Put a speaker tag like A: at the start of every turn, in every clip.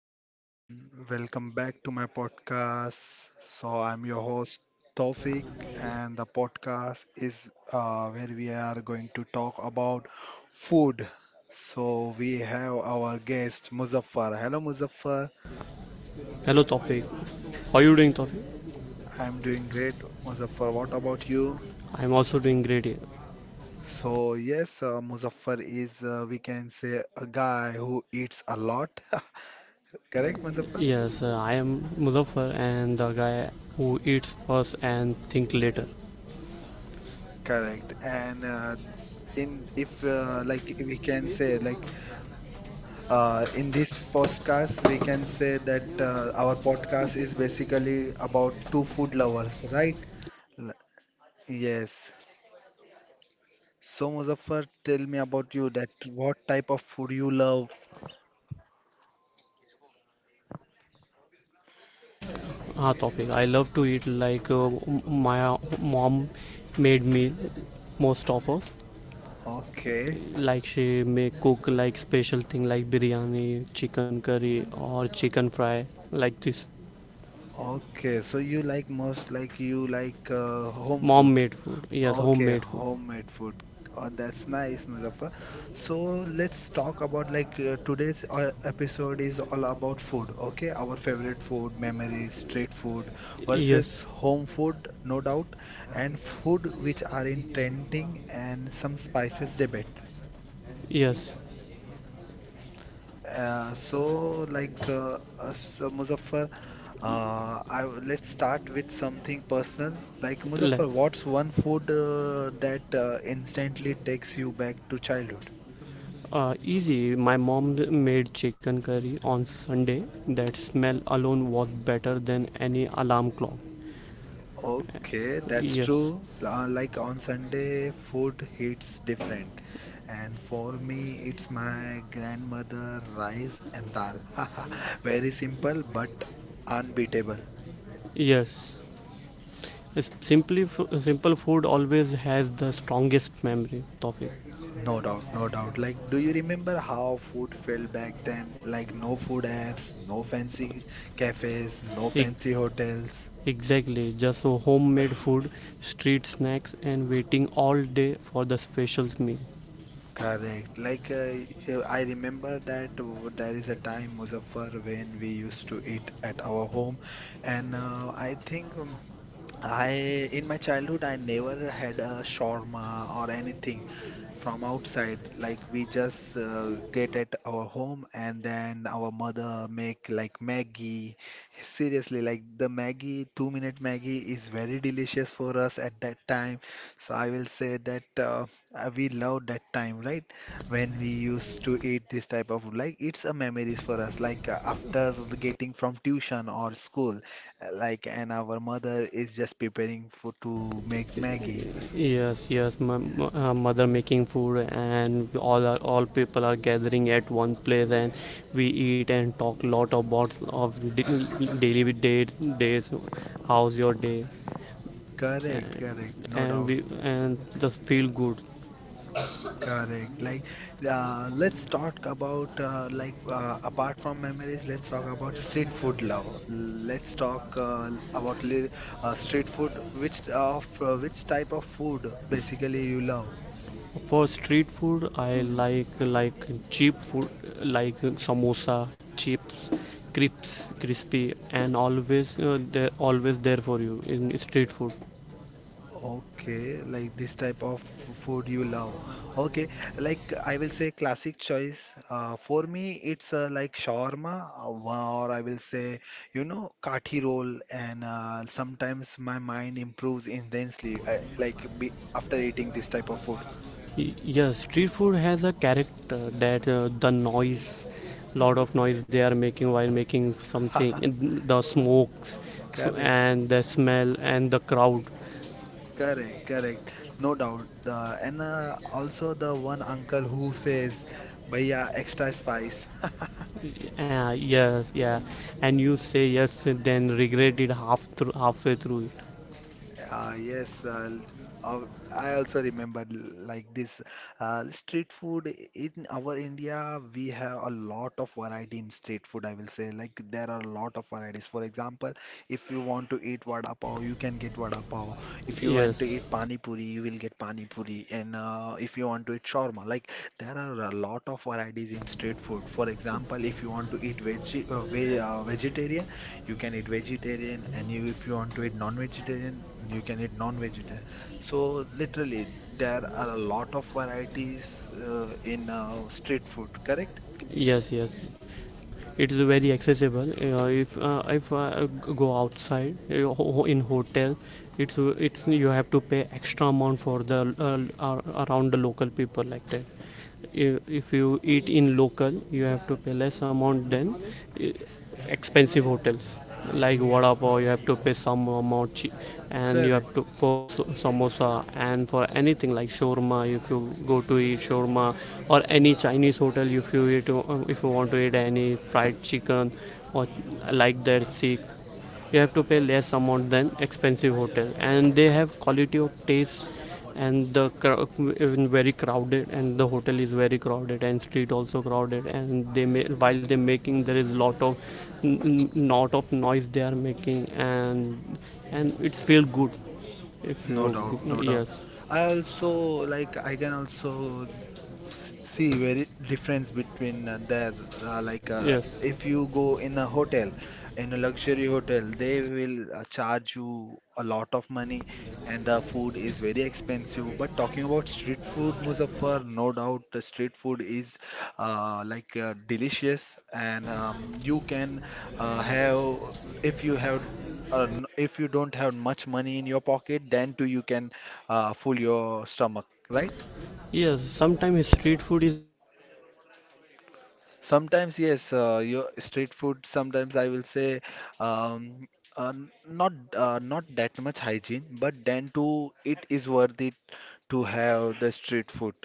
A: everyone, welcome back to my podcast. So I'm your host Tofik and the podcast is where we are going to talk about food. So we have our guest Muzaffar. Hello Muzaffar.
B: Hello Tawfiq, how you doing Tawfiq?
A: I'm doing great Muzaffar. What about you?
B: I'm also doing great here.
A: So yes, Muzaffar is we can say a guy who eats a lot. Correct Muzaffar?
B: Yes, I am Muzaffar and the guy who eats first and think later.
A: Correct. And in if like we can say like in this podcast we can say that our podcast is basically about two food lovers, right? L- Yes. So Muzaffar, tell me about you that what type of food you love?
B: Ah Tawfiq, I love to eat like m- my mom made meal most of us.
A: Okay.
B: Like she may cook like special thing like biryani, chicken curry or chicken fry like this.
A: Okay. So you like most like you like home food.
B: Mom made food, yes,
A: Okay,
B: homemade food.
A: homemade food. Oh, that's nice, Muzaffar. So let's talk about like today's episode is all about food. Okay, our favorite food, memories,
B: Memories.
A: street food versus
B: Yes,
A: home food, no doubt, and food which are in trending and some spices debate.
B: yes.
A: So Muzaffar, I, let's start with something personal. Like, Muzaffar, what's one food that instantly takes you back to childhood?
B: Easy. My mom made chicken curry on Sunday. That smell alone was better than any alarm clock.
A: Okay, that's true. Like on Sunday, food hits different. And for me, it's my grandmother rice and dal. Very simple but unbeatable.
B: Yes. Yes. Yes, simply, simple food always has the strongest memory. Topic.
A: No doubt, no doubt. Like, do you remember how food felt back then? Like, no food apps, no fancy cafes, no fancy hotels.
B: Exactly, just so homemade food, street snacks, and waiting all day for the special meal.
A: Correct. Like, I remember that there is a time, Muzaffar, when we used to eat at our home, and I think I in my childhood I never had a shawarma or anything from outside. Like we just get at our home and then our mother make like Maggie. Seriously, like the Maggie, 2 minute Maggie is very delicious for us at that time. So I will say that we love that time, right? When we used to eat this type of like it's a memories for us. Like after getting from tuition or school. And our mother is just preparing for to make Maggie.
B: Yes, yes, my mother making food and we all are all people are gathering at one place and we eat and talk lot about of daily dates days how's your day
A: Correct,
B: and
A: correct, no
B: and
A: doubt.
B: we and just feel good.
A: Correct. Like, let's talk about like apart from memories, let's talk about street food love. Let's talk about li street food. Which of which type of food basically you love?
B: For street food, I like cheap food like samosa, chips, crisps, crispy and always they're always there for you in street food.
A: Okay, like this type of food you love. Okay, like I will say classic choice. For me, it's like shawarma, or I will say, you know, kathi roll. And sometimes my mind improves intensely, like be after eating this type of food.
B: Yes, street food has a character that the noise, lot of noise they are making while making something, and the smokes, so
A: Correct,
B: and the smell and the crowd.
A: correct, correct. No doubt. And also the one uncle who says, "Bhaiya, extra spice."
B: Yes, yeah, and you say yes, then regret it halfway through it.
A: Uh, yes, uh, l- uh, I also remember like this street food in our India. We have a lot of variety in street food. I will say like there are a lot of varieties. For example, if you want to eat vada pav, you can get vada pav. If you want to
B: Yes,
A: eat pani puri, you will get pani puri. And if you want to eat shawarma, like there are a lot of varieties in street food. For example, if you want to eat veg, vegetarian you can eat vegetarian, and you if you want to eat non-vegetarian you can eat non-vegetarian, so literally there are a lot of varieties in street food, correct.
B: yes, yes. It's very accessible, if go outside in hotel, it's you have to pay extra amount for the around the local people like that. If you eat in local you have to pay less amount than uh, expensive hotels, like vada pav you have to pay some amount, and you have
A: Correct.
B: to for samosa, and for anything like shawarma, if you go to eat shawarma or any chinese hotel, if you eat if you want to eat any fried chicken or like that, sikh, you have to pay less amount than expensive hotel and they have quality of taste. And the even very crowded, and the hotel is very crowded and street also crowded, and they may, while they're making there is lot of lot of noise they are making, and it's feel good if
A: No
B: you
A: doubt, no doubt.
B: yes.
A: I also like I can also see very difference between there like
B: Yes,
A: if you go in a hotel, in a luxury hotel, they will charge you a lot of money and the food is very expensive. But talking about street food, Muzaffar, no doubt the street food is like delicious, and you can have if you have, if you don't have much money in your pocket, then too you can fool your stomach, right?
B: yes, sometimes street food.
A: Sometimes yes, your street food. Sometimes I will say, um, not that much hygiene, but then too it is worth it to have the street food.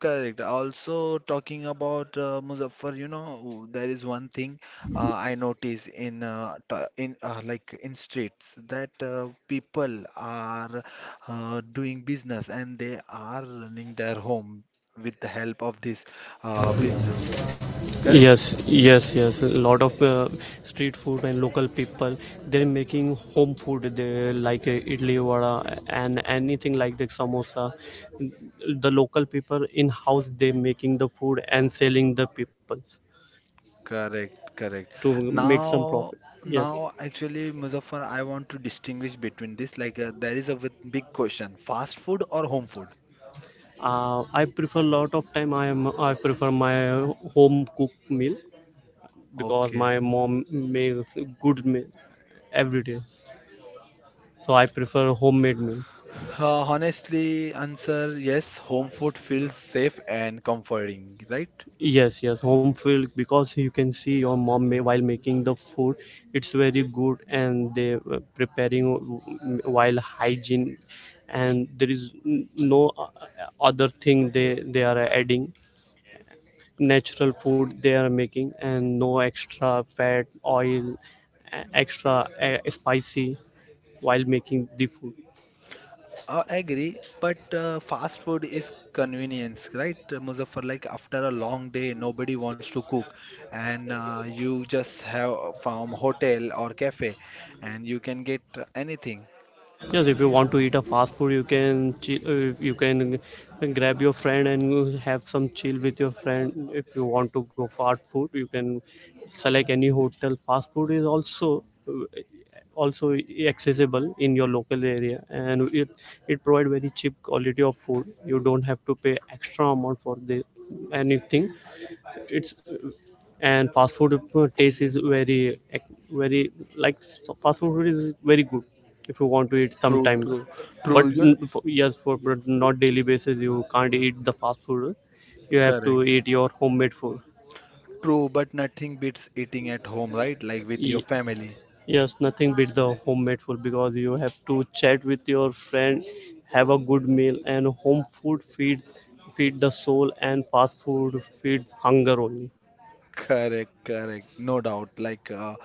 A: Correct. Also, talking about Muzaffar, you know, there is one thing I notice in like in streets that people are doing business and they are running their home with the help of this business. Correct?
B: Yes, yes, yes. A lot of street food and local people they're making home food. They like idli vada and anything like the samosa. The local people in house they making the food and selling the people
A: Correct. Correct.
B: to make some
A: Now,
B: profit. Yes,
A: now actually, Muzaffar, I want to distinguish between this. Like, there is a big question: fast food or home food?
B: I prefer lot of time. I prefer my home cooked meal because
A: Okay.
B: my mom makes good meal every day. So I prefer homemade meal.
A: Honestly, answer yes, home food feels safe and comforting, right?
B: Yes, yes, home field because you can see your mom may, while making the food, it's very good, and they preparing while hygiene, and there is no, other thing they are adding. Natural food they are making, and no extra fat, oil, extra spicy while making the food.
A: I agree, but fast food is convenience, right? Muzaffar, like after a long day, nobody wants to cook, and you just have from hotel or cafe, and you can get anything.
B: Yes, if you want to eat a fast food, you can chill, you can grab your friend and have some chill with your friend. If you want to go fast food, you can select any hotel. Fast food is also also accessible in your local area, and it provide very cheap quality of food. You don't have to pay extra amount for the anything. It's And fast food taste is very very like so fast food is very good if you want to eat
A: True,
B: sometime.
A: true,
B: But
A: true. You know,
B: for, yes for, but not daily basis you can't eat the fast food, you have to
A: correct.
B: eat your homemade food.
A: True, but nothing beats eating at home, right? Like with your
B: Ye-
A: family.
B: yes, nothing beat the homemade food because you have to chat with your friend, have a good meal, and home food feed the soul and fast food feeds hunger only.
A: Correct, correct, no doubt. Like,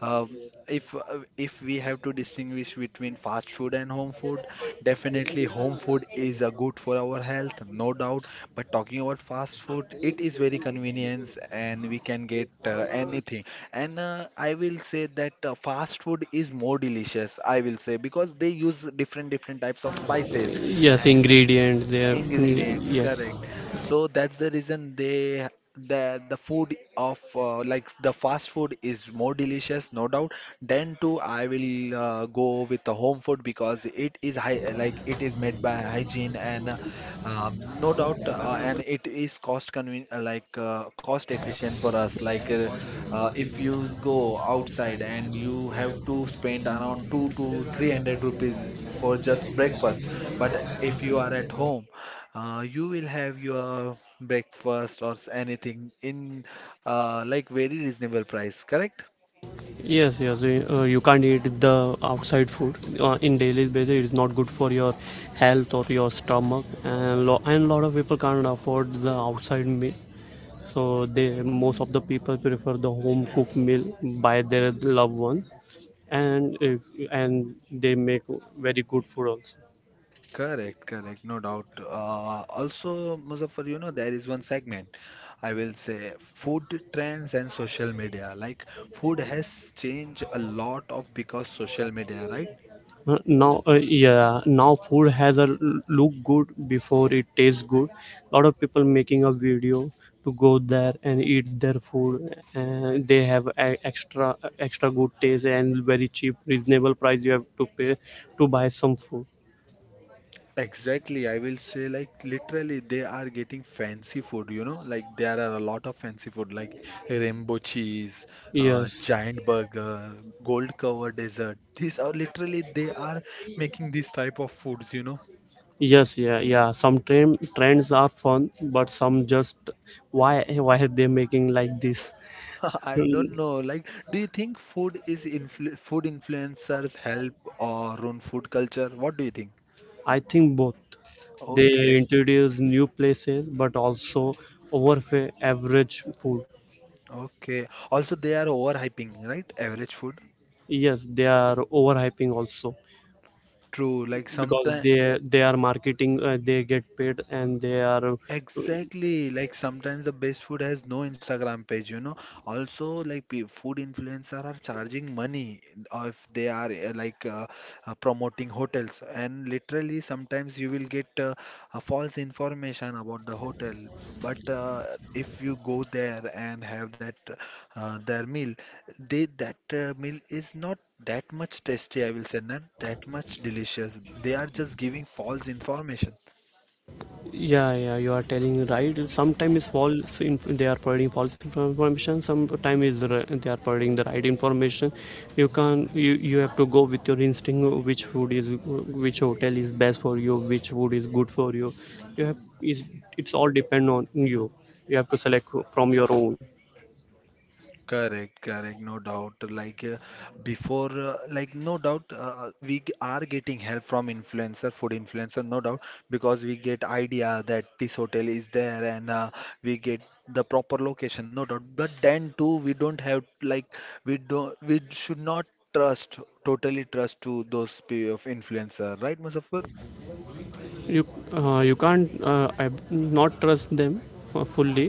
A: um, if we have to distinguish between fast food and home food, definitely home food is a good for our health, no doubt. But talking about fast food, it is very convenience and we can get anything. And I will say that fast food is more delicious. I will say because they use different different types of spices.
B: Yes ingredients there, mm,
A: Ingredients,
B: yes.
A: correct. So that's the reason they the food of like the fast food is more delicious, no doubt. Then too, I will go with the home food because it is high, like it is made by hygiene and no doubt, and it is cost conven like cost efficient for us. Like if you go outside and you have to spend around two to three hundred rupees for just breakfast, but if you are at home. You will have your breakfast or anything in like very reasonable price, correct?
B: Yes, yes. You, you can't eat the outside food in daily basis. It's not good for your health or your stomach, and and lot of people can't afford the outside meal. So they most of the people prefer the home cooked meal by their loved ones, and if, and they make very good food also.
A: Correct, correct, no doubt. Also, Muzaffar, you know, there is one segment, I will say food trends and social media. Like, food has changed a lot of because social media, right?
B: Now Yeah, now food has a look good before it tastes good. Lot of people making a video to go there and eat their food, and they have a extra good taste and very cheap reasonable price you have to pay to buy some food.
A: Exactly, I will say like literally they are getting fancy food, you know, like there are a lot of fancy food like rainbow cheese,
B: Yes.
A: giant burger, gold cover dessert. These are literally they are making these type of foods, you know.
B: Yes, yeah, yeah. Some trends are fun, but some just why are they making like this?
A: I
B: Hmm,
A: don't know. Like, do you think food is influ food influencers help or ruin food culture? What do you think?
B: I think both. They
A: Okay,
B: introduce new places, but also overpay average food.
A: okay. Also, they are overhyping, right? Average food.
B: Yes, they are overhyping also
A: True. Like
B: because
A: sometimes,
B: they are marketing. They get paid, and they are.
A: exactly, like sometimes the best food has no Instagram page, you know. Also, like food influencer are charging money if they are like promoting hotels, and literally sometimes you will get a false information about the hotel. But if you go there and have that their meal, they that meal is not that much tasty, I will say, not that much delicious. They are just giving false information.
B: Yeah, yeah, you are telling right. Sometimes it's false. Inf They are providing false information. Sometimes is they are providing the right information. You can you You have to go with your instinct. Which food is which hotel is best for you? Which food is good for you? You have is It's all depend on you. You have to select from your own.
A: Correct, correct, no doubt. Like before, like no doubt, we are getting help from influencer, food influencer, no doubt, because we get idea that this hotel is there, and we get the proper location, no doubt. But then too, we don't have like we don't we should not trust totally trust to those of influencer, right, Muzaffar?
B: you you can't not trust them fully,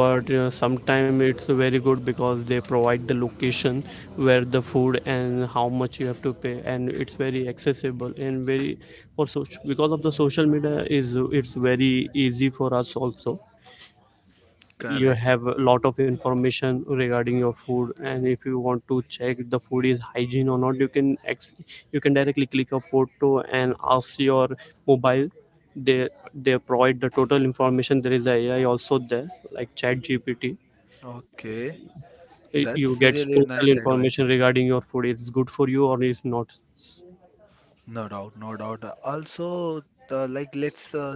B: but sometimes it's very good because they provide the location where the food and how much you have to pay, and it's very accessible and very for social, because of the social media is it's very easy for us also. You
A: Correct.
B: have a lot of information regarding your food, and if you want to check the food is hygiene or not, you can you can directly click a photo and ask your mobile. They they provide the total information. There is a AI also there like chat GPT.
A: Okay,
B: You
A: that's
B: get
A: really
B: total
A: nice
B: information
A: advice.
B: regarding your food, it's good for you or it's not.
A: No doubt, no doubt. Also, like let's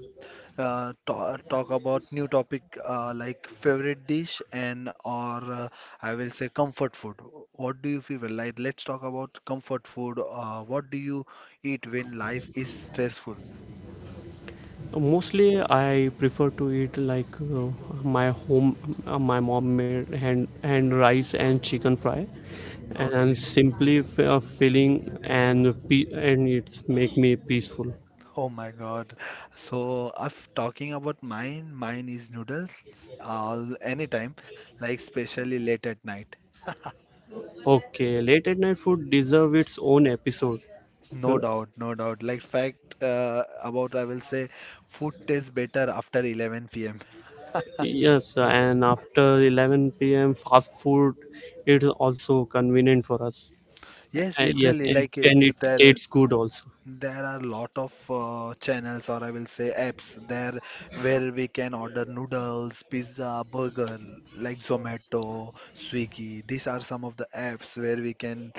A: ta talk about new topic like favorite dish and or I will say comfort food. What do you feel? Like let's talk about comfort food. What do you eat when life is stressful?
B: Mostly, I prefer to eat like my home, my mom made hand rice and chicken fry, and
A: Okay.
B: simply, filling and and it's make me peaceful.
A: Oh my God. So if talking about mine, mine is noodles all anytime, like especially late at night.
B: Okay, late at night food deserve its own episode. Uh,
A: No doubt, no doubt. Like fact about I will say food tastes better after 11 p.m.
B: Yes, and after 11 p.m. fast food, it is also convenient for us.
A: Yes,
B: Yes,
A: literally like
B: and it tastes good also.
A: there are a lot of channels, or I will say apps, there where we can order noodles, pizza, burger, like Zomato, Swiggy. These are some of the apps where we can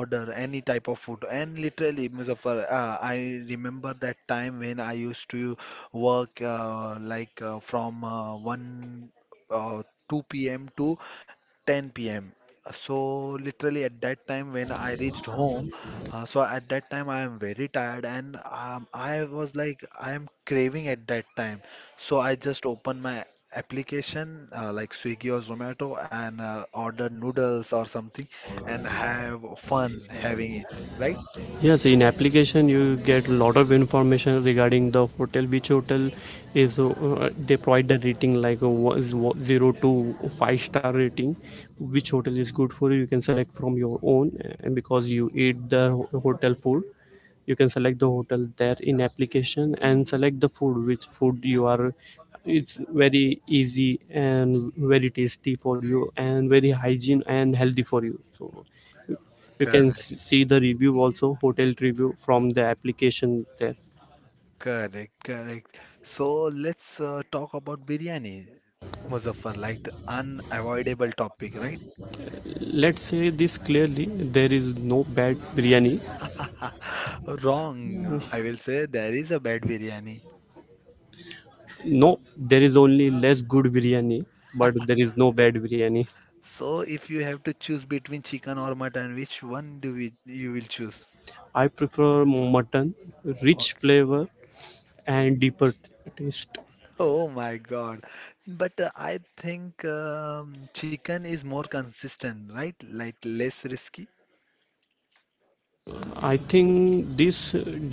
A: order any type of food. And literally, Muzaffar, I remember that time when I used to work like from 1 uh, 2 p.m. to 10 p.m. So literally at that time when I reached home, so at that time I am very tired and I was like I am craving at that time. So I just opened my application like Swiggy or Zomato and ordered noodles or something and have fun having it, right?
B: Yes, in application you get a lot of information regarding the hotel. Which hotel is they provide the rating like a zero to five star rating. Which hotel is good for you? You can select from your own, and because you eat the hotel food, you can select the hotel there in application and select the food. Which food you are? It's very easy and very tasty for you, and very hygiene and healthy for you. So you can
A: Correct,
B: see the review also, hotel review from the application there.
A: correct, correct. So let's talk about biryani, Muzaffar, like the unavoidable topic, right?
B: Let's say this clearly, there is no bad biryani.
A: Wrong. I will say there is a bad biryani.
B: No, there is only less good biryani, but there is no bad biryani.
A: So if you have to choose between chicken or mutton, which one you will choose?
B: I prefer mutton, rich
A: Okay.
B: flavor and deeper taste.
A: Oh my God. But I think chicken is more consistent, right? Like less risky.
B: I think this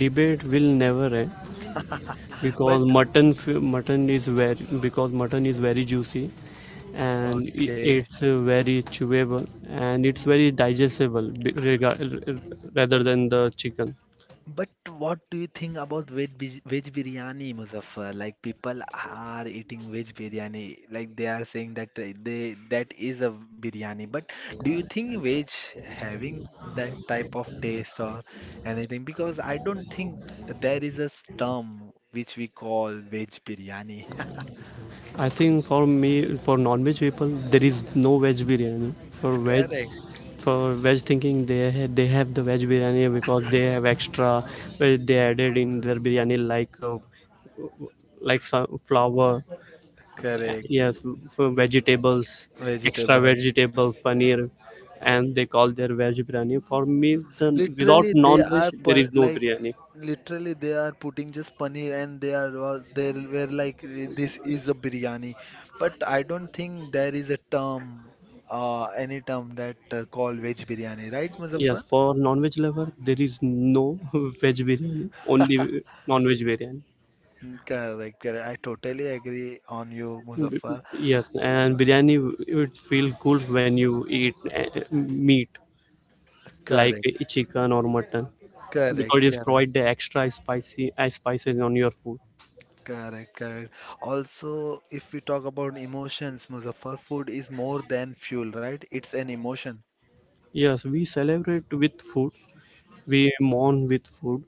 B: debate will never end,
A: But
B: because mutton is very juicy, and
A: okay.
B: it's very chewable, and it's very digestible, rather than the chicken.
A: But what do you think about veg biryani, Muzaffar? Like people are eating veg biryani, like they are saying that they that is a biryani. But do you think veg having that type of taste or anything? Because I don't think there is a term which we call veg biryani.
B: I think for me, for non-veg people there is no veg biryani. for veg
A: Correct,
B: for veg thinking, they they have the veg biryani because they have extra, they added in their biryani like some flour.
A: correct.
B: Yes, for vegetables, extra
A: Vegetables.
B: vegetables, paneer, and they call their veg biryani. For me, the
A: Literally,
B: without
A: they are
B: non-veg there
A: pun
B: is no
A: like
B: biryani.
A: literally they are putting just paneer, and they they were like this is a biryani, but I don't think there is a term, any term that call veg biryani, right,
B: Yes,
A: Muzaffar?
B: for non-veg lover there is no veg biryani, only non-veg biryani.
A: Mm, correct, correct. I totally agree on you, Muzaffar.
B: Yes, and biryani, it would feel good when you eat uh, meat, like
A: Correct,
B: chicken or mutton, because
A: correct,
B: it
A: correct,
B: provide the extra spicy spices on your food.
A: correct, correct. Also, if we talk about emotions, Muzaffar, food is more than fuel, right? It's an emotion.
B: Yes, we celebrate with food, we mourn with food.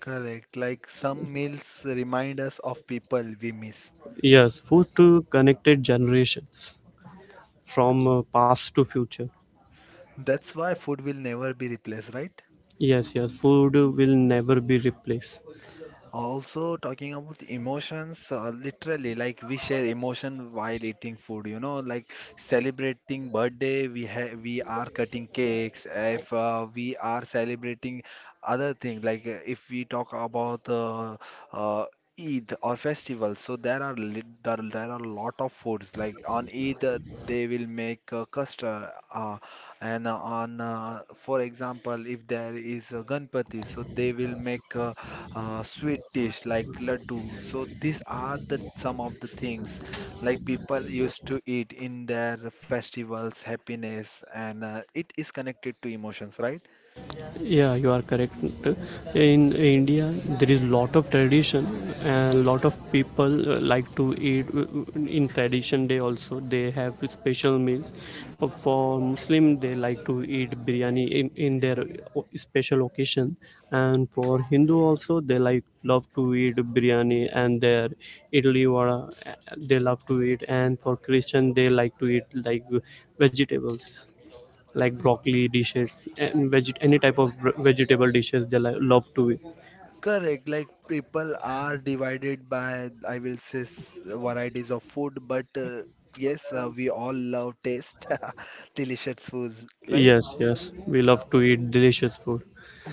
A: Correct. Like some meals remind us of people we miss.
B: Yes, food to connected generations from past to future.
A: That's why food will never be replaced, right?
B: Yes, yes, food will never be replaced.
A: Also, talking about the emotions, literally, like we share emotion while eating food, you know, like celebrating birthday, we are cutting cakes. If we are celebrating other thing, like if we talk about uh, Eid or festivals, so there, there are a lot of foods. Like on Eid, they will make custard. And on, for example, if there is a Ganpati, so they will make a, sweet dish like laddu. So these are the some of the things like people used to eat in their festivals, happiness, and it is connected to emotions, right?
B: Yeah, you are correct. In india, there is lot of tradition, and lot of people like to eat, in tradition day also they have special meals. For muslim they like to eat biryani in their special occasion, and for hindu also they love to eat biryani and their idli vada, uh, they love to eat. And for christian they like to eat like vegetables, like broccoli dishes and any type of vegetable dishes they love to eat.
A: Correct. Like people are divided by, I will say, varieties of food, but yes, we all love taste, delicious foods, right?
B: Yes, yes, we love to eat delicious food.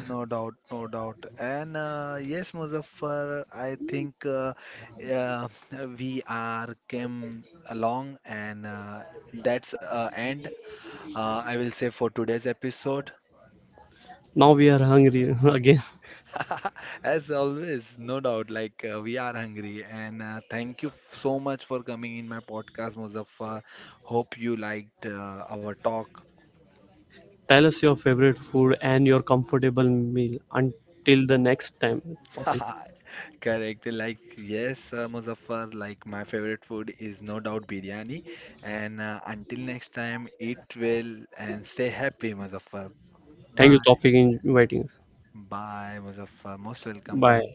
A: No doubt, no doubt. And yes, Muzaffar, I think uh, we are came along, and that's end. I will say for today's episode.
B: Now we are hungry again.
A: As always, no doubt, like we are hungry, and thank you so much for coming in my podcast, Muzaffar. Hope you liked our talk.
B: Tell us your favorite food and your comfortable meal. Until the next time, Tawfiq.
A: Correct. Like, yes, Muzaffar, like my favorite food is no doubt biryani. And until next time, eat well and stay happy, Muzaffar.
B: Thank you,
A: Bye.
B: Tawfiq, in inviting us.
A: Bye, Muzaffar. Most welcome.
B: Bye.
A: Bye.